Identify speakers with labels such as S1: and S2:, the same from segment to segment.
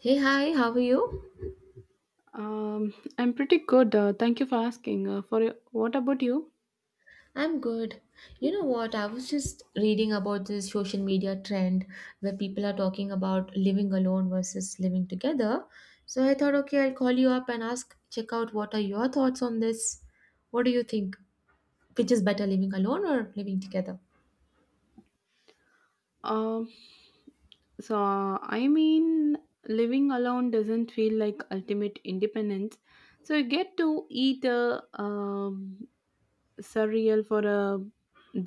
S1: Hey, hi, how are you?
S2: Um, I'm pretty good. Thank you for asking. What about you?
S1: I'm good. You know what? I was just reading about this social media trend where people are talking about living alone versus living together. So I thought, okay, I'll call you up and ask, check out what are your thoughts on this? What do you think? Which is better, living alone or living together?
S2: Um, I mean, living alone doesn't feel like ultimate independence. So you get to eat a cereal for a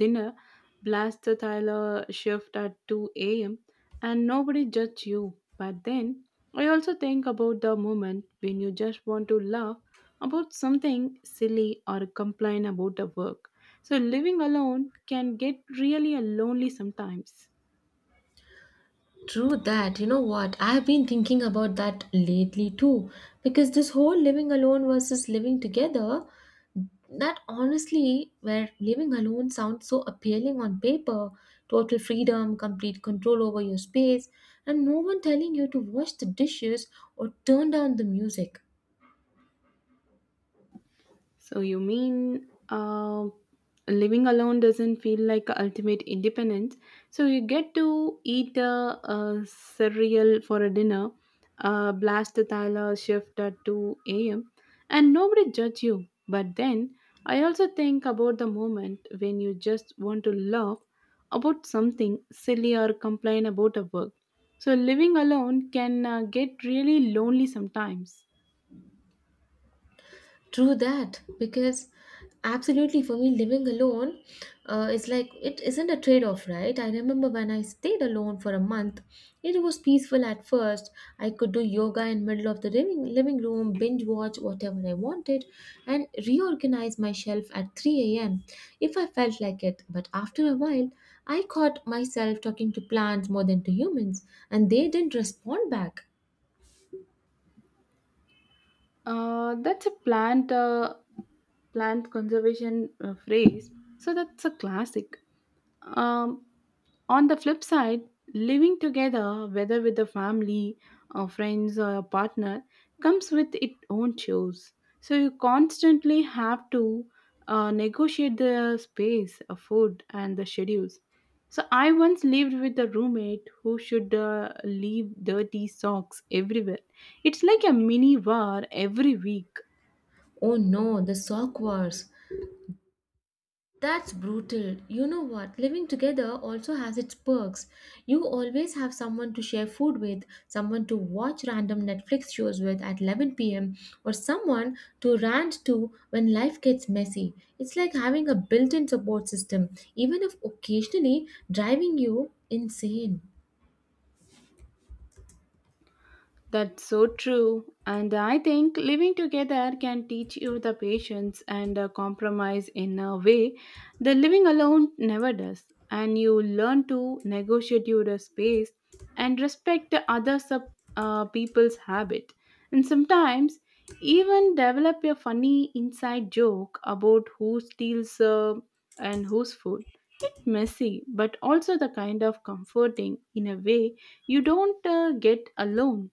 S2: dinner, blast the Tyler shift at two a.m. and nobody judge you. But then I also think about the moment when you just want to laugh about something silly or complain about the work. So living alone can get really lonely sometimes.
S1: True that. You know what? I've been thinking about that lately too, because this whole living alone versus living together, that honestly, where living alone sounds so appealing on paper, total freedom, complete control over your space, and no one telling you to wash the dishes or turn down the music.
S2: So you mean living alone doesn't feel like ultimate independence? So you get to eat a cereal for a dinner, blast the Tyler shift at two a.m. and nobody judge you. But then I also think about the moment when you just want to laugh about something silly or complain about a work. So living alone can get really lonely sometimes.
S1: True that, because absolutely for me, living alone is like it isn't a trade off, right? I remember when I stayed alone for a month, it was peaceful at first. I could do yoga in middle of the living room, binge watch whatever I wanted, and reorganize my shelf at 3 a.m. if I felt like it. But after a while, I caught myself talking to plants more than to humans, and they didn't respond back.
S2: That's a plant conservation phrase. So that's a classic. Um, on the flip side, living together, whether with a family, or friends, or a partner, comes with its own chores. So you constantly have to negotiate the space, food, and the schedules. So I once lived with a roommate who should leave dirty socks everywhere, it's like a mini war every week.
S1: Oh no, the sock wars. That's brutal. You know what? Living together also has its perks. You always have someone to share food with, someone to watch random Netflix shows with at 11 p.m., or someone to rant to when life gets messy. It's like having a built in support system, even if occasionally driving you insane.
S2: That's so true. And I think living together can teach you the patience and compromise in a way that living alone never does. And you learn to negotiate your space and respect the other people's habit. And sometimes even develop a funny inside joke about who steals and whose food. It's messy, but also the kind of comforting in a way you don't get alone.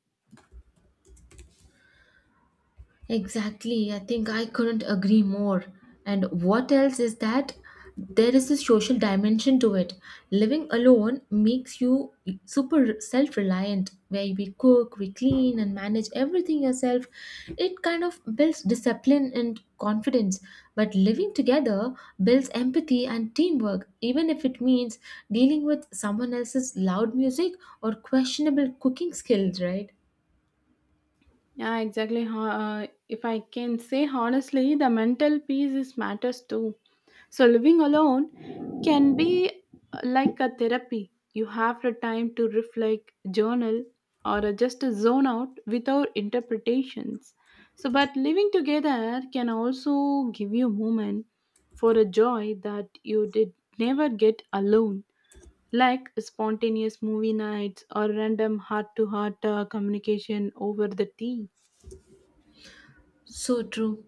S1: Exactly. I think I couldn't agree more. And what else is that there is a social dimension to it. Living alone makes you super self reliant, where we cook, we clean, and manage everything yourself. It kind of builds discipline and confidence. But living together builds empathy and teamwork, even if it means dealing with someone else's loud music or questionable cooking skills, right?
S2: Yeah, exactly. If I can say honestly, the mental peace is matters too. So living alone can be like a therapy. You have the time to reflect, journal, or just zone out without interpretations. So, but living together can also give you a moment for a joy that you did never get alone, like spontaneous movie nights or random heart-to-heart communication over the tea.
S1: So true.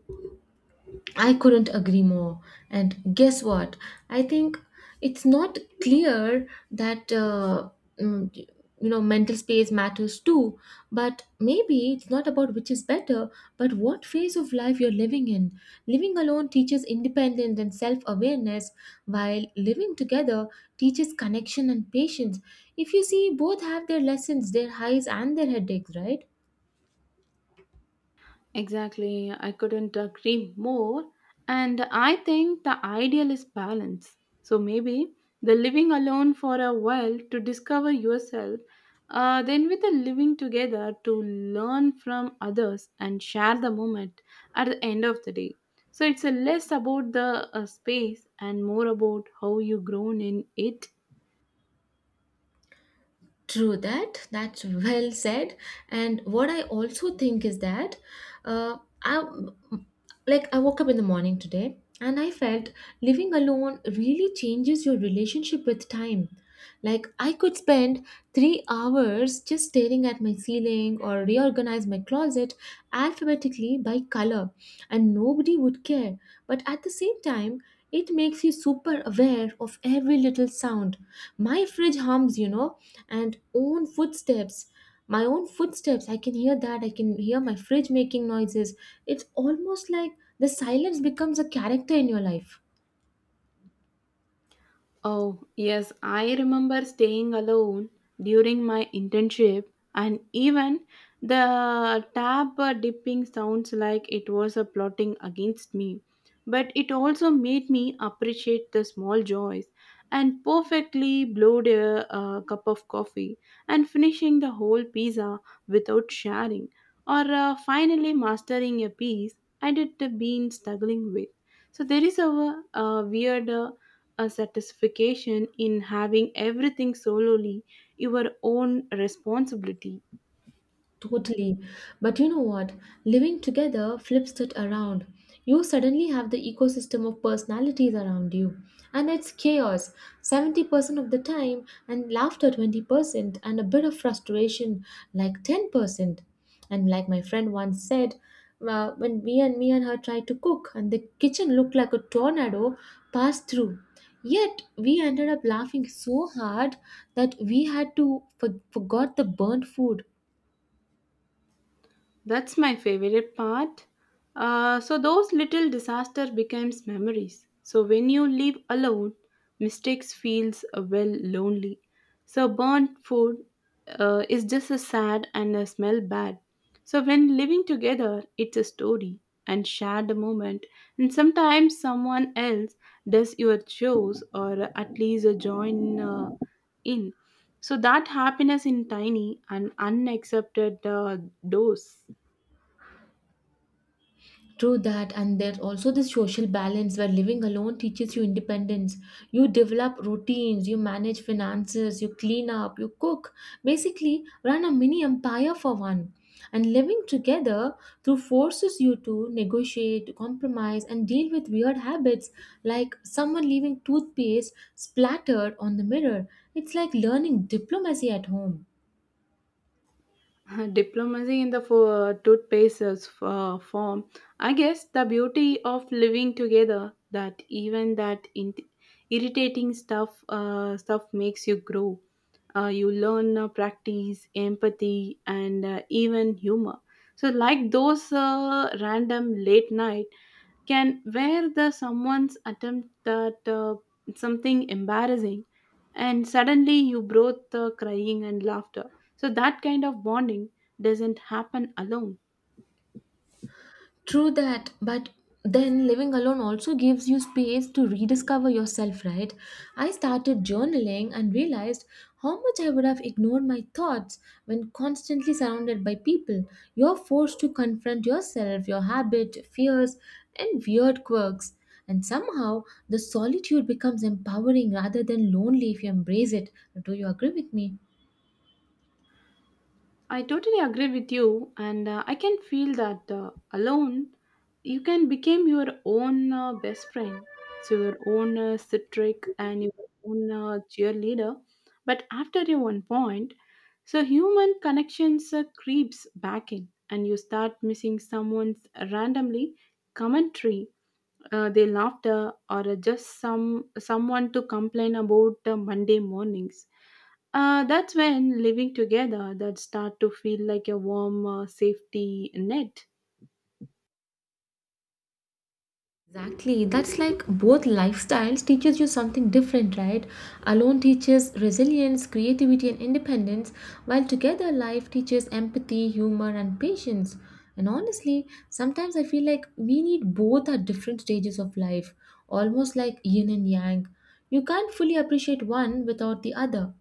S1: I couldn't agree more. And guess what? I think it's not clear that you know mental space matters too. But maybe it's not about which is better, but what phase of life you're living in. Living alone teaches independence and self-awareness, while living together teaches connection and patience. If you see, both have their lessons, their highs and their headaches, right?
S2: Exactly, I couldn't agree more. And I think the ideal is balance. So maybe the living alone for a while to discover yourself, then with the living together to learn from others and share the moment at the end of the day. So it's a less about the space and more about how you grown in it.
S1: True that. That's well said. And what I also think is that, I like I woke up in the morning today and I felt living alone really changes your relationship with time. Like I could spend 3 hours just staring at my ceiling or reorganize my closet alphabetically by color, and nobody would care. But at the same time, it makes you super aware of every little sound. My fridge hums, and own footsteps my own footsteps. I can hear my fridge making noises. It's almost like the silence becomes a character in your life.
S2: Oh, yes, I remember staying alone during my internship, and even the tap dipping sounds like it was a plotting against me. But it also made me appreciate the small joys and perfectly blowed a cup of coffee and finishing the whole pizza without sharing, or finally mastering a piece I had been struggling with. So there is a, weird. A satisfaction in having everything solely your own responsibility.
S1: Totally. But you know what? Living together flips it around. You suddenly have the ecosystem of personalities around you, and it's chaos 70% of the time, and laughter 20%, and a bit of frustration like 10%. And like my friend once said, when me and her tried to cook, and the kitchen looked like a tornado passed through. Yet we ended up laughing so hard that we had to forgot the burnt food.
S2: That's my favorite part. So those little disaster becomes memories. So when you live alone, mistakes feels well lonely. So burnt food is just a sad and a smell bad. So when living together, it's a story and shared a moment. And sometimes someone else does your chores or at least join in. So that happiness in tiny and unaccepted dose.
S1: True that, and there's also this social balance where living alone teaches you independence. You develop routines, you manage finances, you clean up, you cook, basically, run a mini empire for one. And living together through forces you to negotiate, compromise, and deal with weird habits like someone leaving toothpaste splattered on the mirror. It's like learning diplomacy at home.
S2: Diplomacy in the fo- Toothpaste is, form. I guess the beauty of living together that even that irritating stuff makes you grow. You learn practice, empathy, and even humor. So, like those random late night can where the someone's attempt that something embarrassing and suddenly you both crying and laughter, so that kind of bonding doesn't happen alone.
S1: True that, but then living alone also gives you space to rediscover yourself, right? I started journaling and realized how much I would have ignored my thoughts when constantly surrounded by people. You're forced to confront yourself, your habits, fears, and weird quirks. And somehow, the solitude becomes empowering rather than lonely if you embrace it. Do you agree with me?
S2: I totally agree with you, and I can feel that alone you can become your own best friend, so your own citric and your own cheerleader. But after a one point, so human connections creeps back in, and you start missing someone's randomly commentary, their laughter or just someone to complain about the Monday mornings. That's when living together that start to feel like a warm safety net.
S1: Exactly. That's like both lifestyles teaches you something different, right? Alone teaches resilience, creativity and independence, while together life teaches empathy, humor and patience. And honestly, sometimes I feel like we need both at different stages of life, almost like yin and yang. You can't fully appreciate one without the other.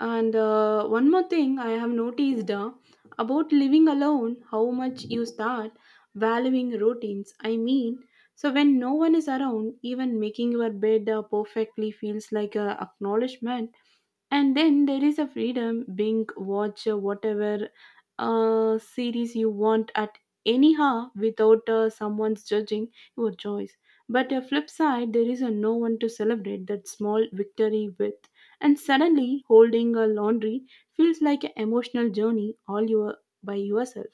S2: And one more thing I have noticed about living alone, how much you start valuing routines. I mean, so when no one is around, even making your bed perfectly feels like a acknowledgement. And then there is a freedom being watch whatever series you want at anyhow without someone's judging your choice. But a flip side, there is a no one to celebrate that small victory with. And suddenly, holding a laundry feels like an emotional journey all your by yourself.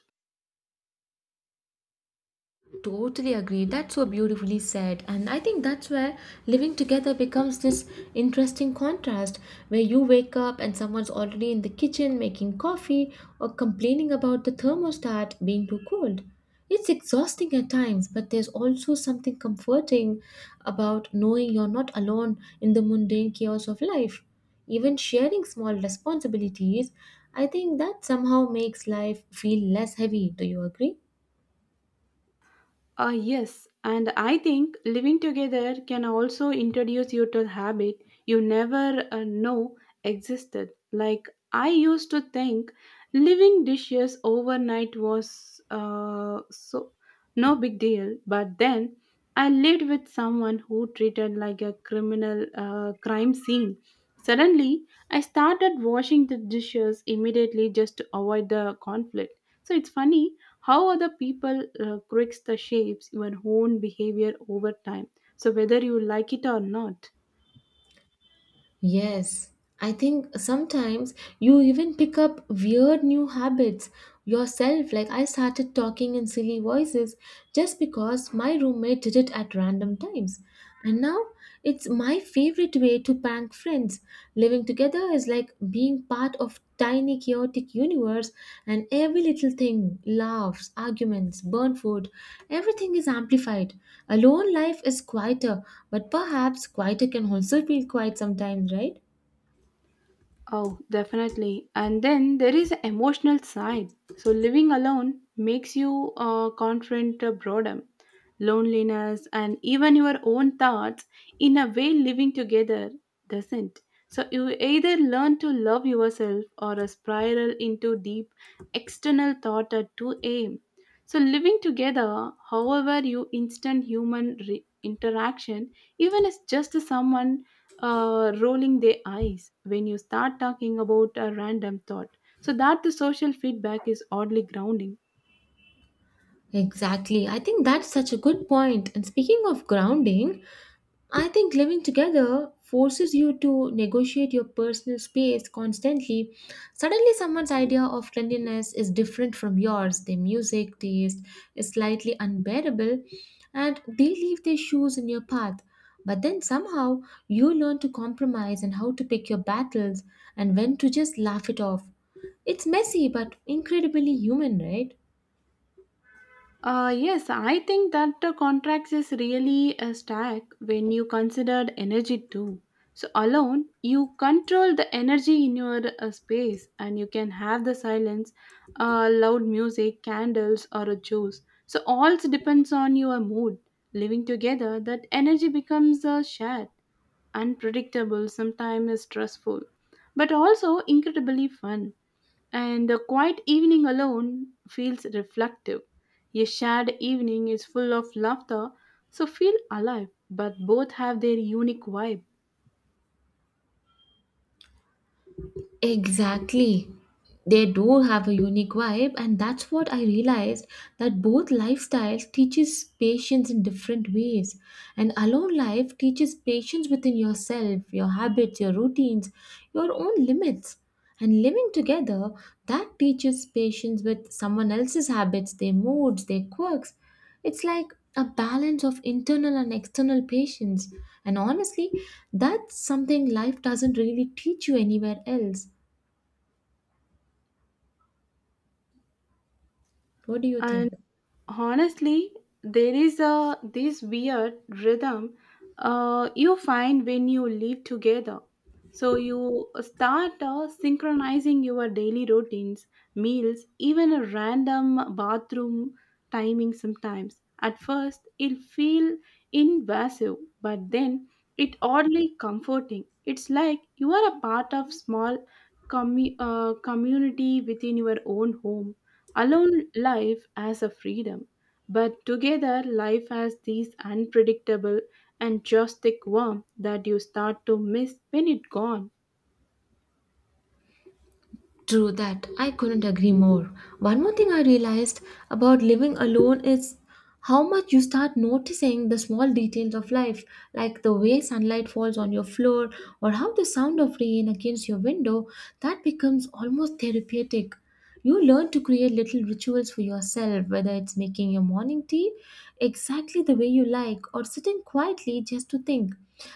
S1: Totally agree. That's so beautifully said. And I think that's where living together becomes this interesting contrast where you wake up and someone's already in the kitchen making coffee or complaining about the thermostat being too cold. It's exhausting at times, but there's also something comforting about knowing you're not alone in the mundane chaos of life. Even sharing small responsibilities, I think that somehow makes life feel less heavy. Do you agree?
S2: Yes, and I think living together can also introduce you to a habit you never know existed. Like I used to think living dishes overnight was so no big deal, but then I lived with someone who treated like a criminal crime scene. Suddenly, I started washing the dishes immediately just to avoid the conflict. So it's funny how other people critics the shapes your own behavior over time, so whether you like it or not.
S1: Yes, I think sometimes you even pick up weird new habits yourself. Like I started talking in silly voices just because my roommate did it at random times. And now it's my favorite way to prank friends. Living together is like being part of tiny chaotic universe, and every little thing, laughs, arguments, burnt food, everything is amplified. Alone life is quieter, but perhaps quieter can also feel quiet sometimes, right?
S2: Oh, definitely. And then there is emotional side. So living alone makes you confront boredom, loneliness, and even your own thoughts in a way living together doesn't. So you either learn to love yourself or a spiral into deep external thought at 2 a.m. So living together, however, you instant human interaction, even as just someone rolling their eyes when you start talking about a random thought. So that the social feedback is oddly grounding.
S1: Exactly. I think that's such a good point. And speaking of grounding, I think living together forces you to negotiate your personal space constantly. Suddenly, someone's idea of cleanliness is different from yours. Their music taste is slightly unbearable, and they leave their shoes in your path. But then somehow you learn to compromise and how to pick your battles and when to just laugh it off. It's messy but incredibly human, right?
S2: Yes, I think that the contracts is really a stack when you considered energy too. So alone, you control the energy in your space and you can have the silence, loud music, candles or a juice. So all depends on your mood. Living together, that energy becomes a share, unpredictable, sometimes stressful, but also incredibly fun. And a quiet evening alone feels reflective. A shared evening is full of laughter, so feel alive, but both have their unique vibe.
S1: Exactly. They do have a unique vibe, and that's what I realized that both lifestyles teaches patience in different ways. And alone life teaches patience within yourself, your habits, your routines, your own limits. And living together, that teaches patience with someone else's habits, their moods, their quirks. It's like a balance of internal and external patience. And honestly, that's something life doesn't really teach you anywhere else. What do you
S2: And
S1: think?
S2: honestly, there is a this weird rhythm you find when you live together, so you start synchronizing your daily routines, meals, even a random bathroom timing. Sometimes at first it feel invasive, but then it oddly comforting. It's like you are a part of small community within your own home. Alone, life has a freedom, but together, life has these unpredictable and joystick warmth that you start to miss when it gone.
S1: True that. I couldn't agree more. One more thing I realized about living alone is how much you start noticing the small details of life, like the way sunlight falls on your floor or how the sound of rain against your window, that becomes almost therapeutic. You learn to create little rituals for yourself, whether it's making your morning tea exactly the way you like or sitting quietly just to think.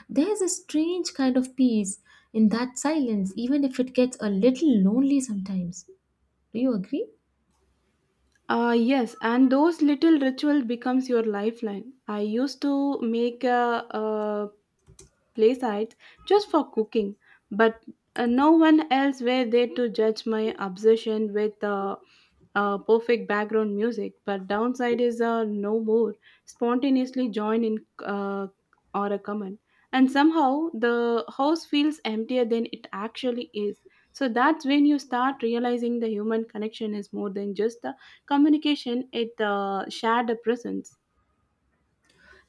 S1: There's a strange kind of peace in that silence, even if it gets a little lonely sometimes. Do you agree?
S2: Ah, yes, and those little ritual becomes your lifeline. I used to make a play sites just for cooking, but no one else were there to judge my obsession with perfect background music. But downside is no more spontaneously join in uh, or a comment, and somehow the house feels emptier than it actually is. So that's when you start realizing the human connection is more than just the communication; it shared a presence.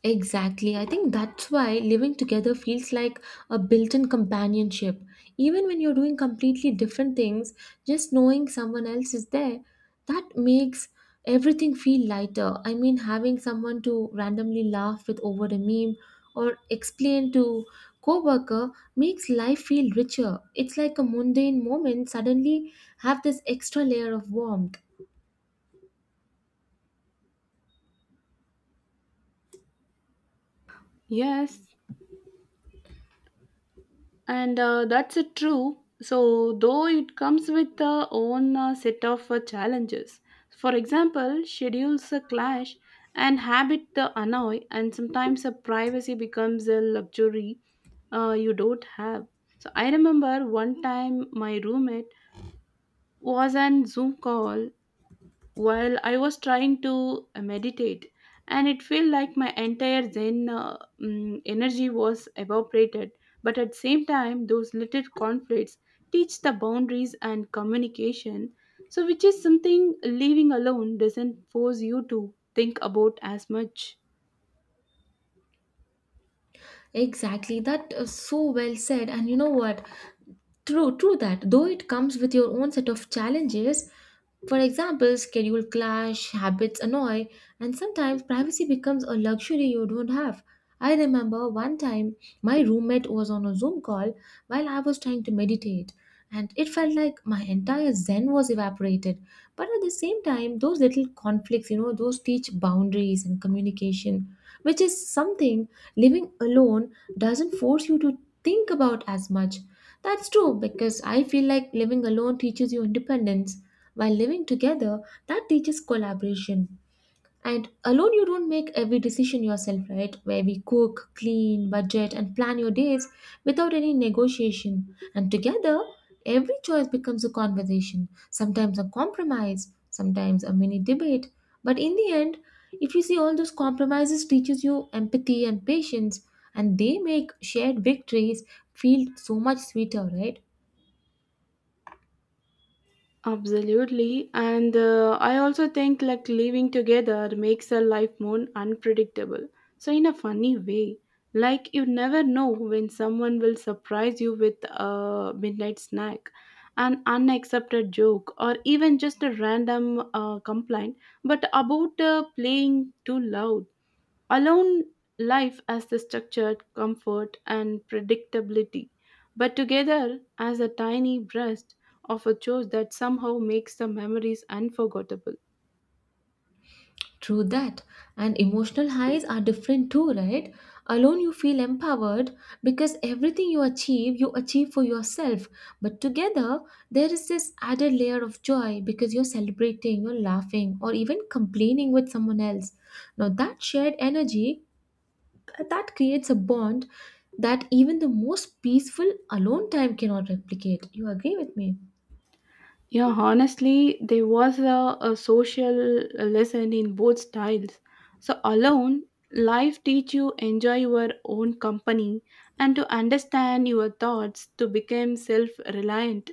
S1: Exactly. I think that's why living together feels like a built in companionship. Even when you're doing completely different things, just knowing someone else is there, that makes everything feel lighter. I mean, having someone to randomly laugh with over a meme or explain to coworker makes life feel richer. It's like a mundane moment suddenly have this extra layer of warmth.
S2: Yes. And that's it true, so though it comes with the own set of challenges, for example schedules clash and habit the annoy, and sometimes a privacy becomes a luxury you don't have. So I remember one time my roommate was on zoom call while I was trying to meditate, and it felt like my entire Zen energy was evaporated. But at the same time, those little conflicts teach the boundaries and communication, so which is something living alone doesn't force you to think about as much.
S1: Exactly, that is so well said. And you know what? True, true that. Though it comes with your own set of challenges, for example, schedule clash, habits annoy, and sometimes privacy becomes a luxury you don't have. I remember one time my roommate was on a Zoom call while I was trying to meditate, and it felt like my entire Zen was evaporated. But at the same time, those little conflicts, you know, those teach boundaries and communication, which is something living alone doesn't force you to think about as much. That's true, because I feel like living alone teaches you independence, while living together that teaches collaboration. And alone, you don't make every decision yourself, right? Where we cook, clean, budget, and plan your days without any negotiation. And together, every choice becomes a conversation, sometimes a compromise, sometimes a mini debate. But in the end, if you see all those compromises teaches you empathy and patience, and they make shared victories feel so much sweeter, right?
S2: Absolutely. And I also think like living together makes a life more unpredictable. So, in a funny way, like you never know when someone will surprise you with a midnight snack, an unaccepted joke, or even just a random complaint, but about playing too loud. Alone life as the structured comfort and predictability, but together as a tiny burst of a choice that somehow makes the memories unforgettable.
S1: True that. And emotional highs are different too, right? Alone, you feel empowered because everything you achieve for yourself. But together, there is this added layer of joy because you're celebrating, you're laughing, or even complaining with someone else. Now, that shared energy that creates a bond that even the most peaceful alone time cannot replicate. You agree with me?
S2: Yeah, honestly, there was a social lesson in both styles. So alone, life teach you enjoy your own company and to understand your thoughts to become self-reliant.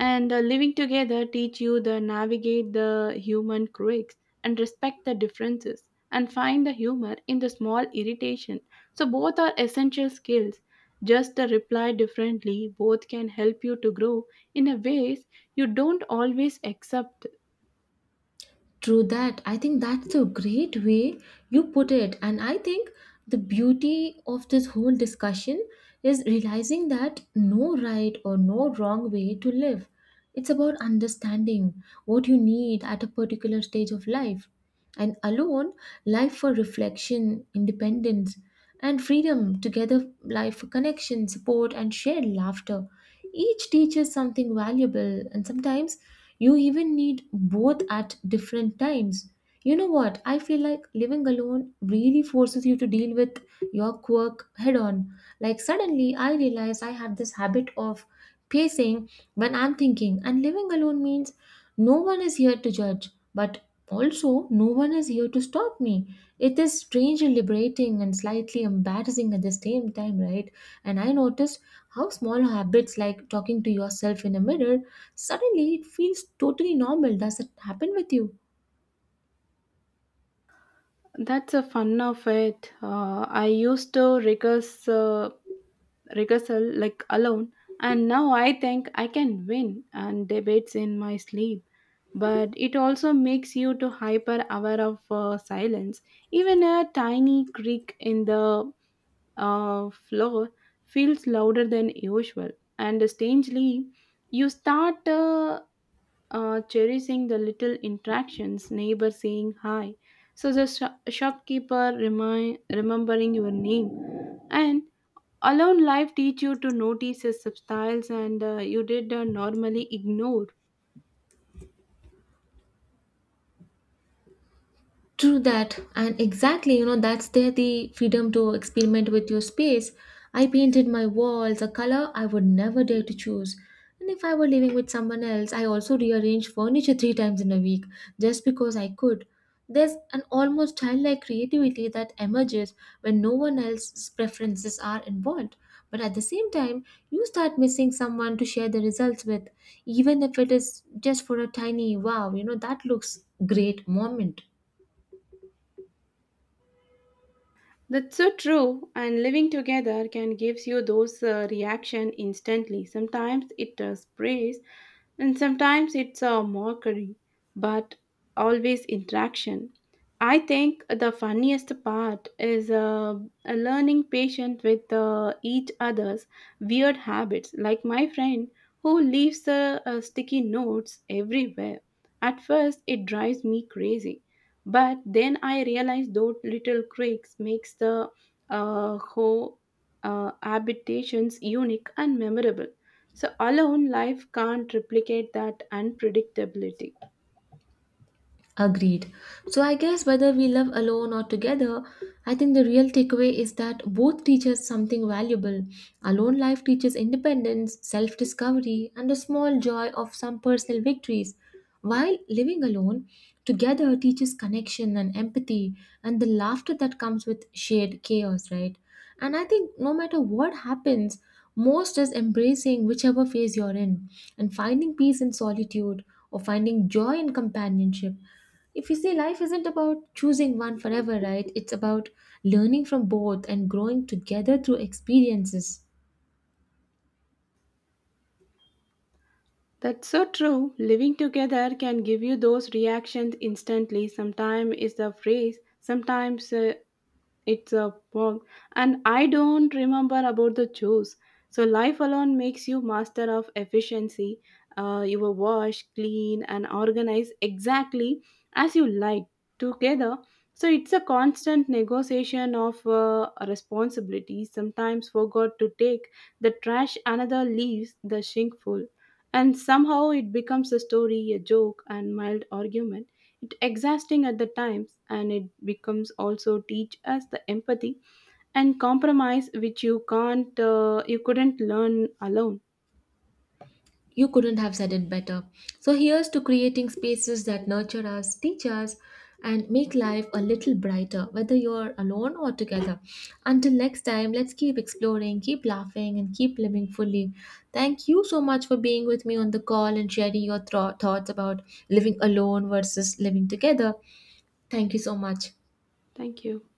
S2: And living together teach you the navigate the human quirks and respect the differences and find the humor in the small irritation. So both are essential skills. Just the reply differently, both can help you to grow in a ways you don't always accept.
S1: True that. I think that's a great way you put it. And I think the beauty of this whole discussion is realizing that no right or no wrong way to live. It's about understanding what you need at a particular stage of life. And alone, life for reflection, independence, and freedom, together, life for connection, support, and shared laughter. Each teaches something valuable, and sometimes you even need both at different times. You know what? I feel like living alone really forces you to deal with your quirk head on. Like, suddenly I realized I had this habit of pacing when I'm thinking, and living alone means no one is here to judge, but also no one is here to stop me. It is strange liberating and slightly embarrassing at the same time, right? And I noticed how small habits like talking to yourself in a mirror suddenly it feels totally normal. Does it happen with you?
S2: That's the fun of it. I used to rehearsal like alone, and now I think I can win and debates in my sleep. But it also makes you to hyper aware of silence. Even a tiny creak in the floor feels louder than usual, and strangely, you start cherishing the little interactions, neighbor saying hi, so the shopkeeper remembering your name, and alone life teach you to notice the subtiles and you did normally ignore.
S1: True that, and exactly, you know, that's there the freedom to experiment with your space. I painted my walls a color I would never dare to choose. And if I were living with someone else, I also rearranged furniture three times in a week just because I could. There's an almost childlike creativity that emerges when no one else's preferences are involved. But at the same time, you start missing someone to share the results with, even if it is just for a tiny wow, you know, that looks great moment.
S2: That's so true. And living together can gives you those reaction instantly. Sometimes it sprays, and sometimes it's a mockery, but always interaction. I think the funniest part is learning patience with each other's weird habits. Like my friend who leaves sticky notes everywhere. At first, it drives me crazy, but then I realized those little quirks makes the whole habitations unique and memorable. So alone life can't replicate that unpredictability.
S1: Agreed. So, I guess whether we live alone or together, I think the real takeaway is that both teach us something valuable. Alone life teaches independence, self discovery, and a small joy of some personal victories, while living alone together teaches connection and empathy and the laughter that comes with shared chaos, right? And I think no matter what happens, most is embracing whichever phase you're in and finding peace in solitude or finding joy in companionship. If you see, life isn't about choosing one forever, right? It's about learning from both and growing together through experiences.
S2: That's so true. Living together can give you those reactions instantly. Sometimes is the phrase, sometimes it's a bog, and I don't remember about the chores. So life alone makes you master of efficiency. You will wash, clean, and organize exactly as you like together. So it's a constant negotiation of responsibilities. Sometimes forgot to take the trash, another leaves the sink full, and somehow it becomes a story, a joke, and mild argument, exhausting at the times, and it becomes also teach us the empathy and compromise which you can't you couldn't learn alone.
S1: You couldn't have said it better. So here's to creating spaces that nurture us, teach us, and make life a little brighter, whether you're alone or together. Until next time, let's keep exploring, keep laughing, and keep living fully. Thank you so much for being with me on the call and sharing your thoughts about living alone versus living together. Thank you so much.
S2: Thank you.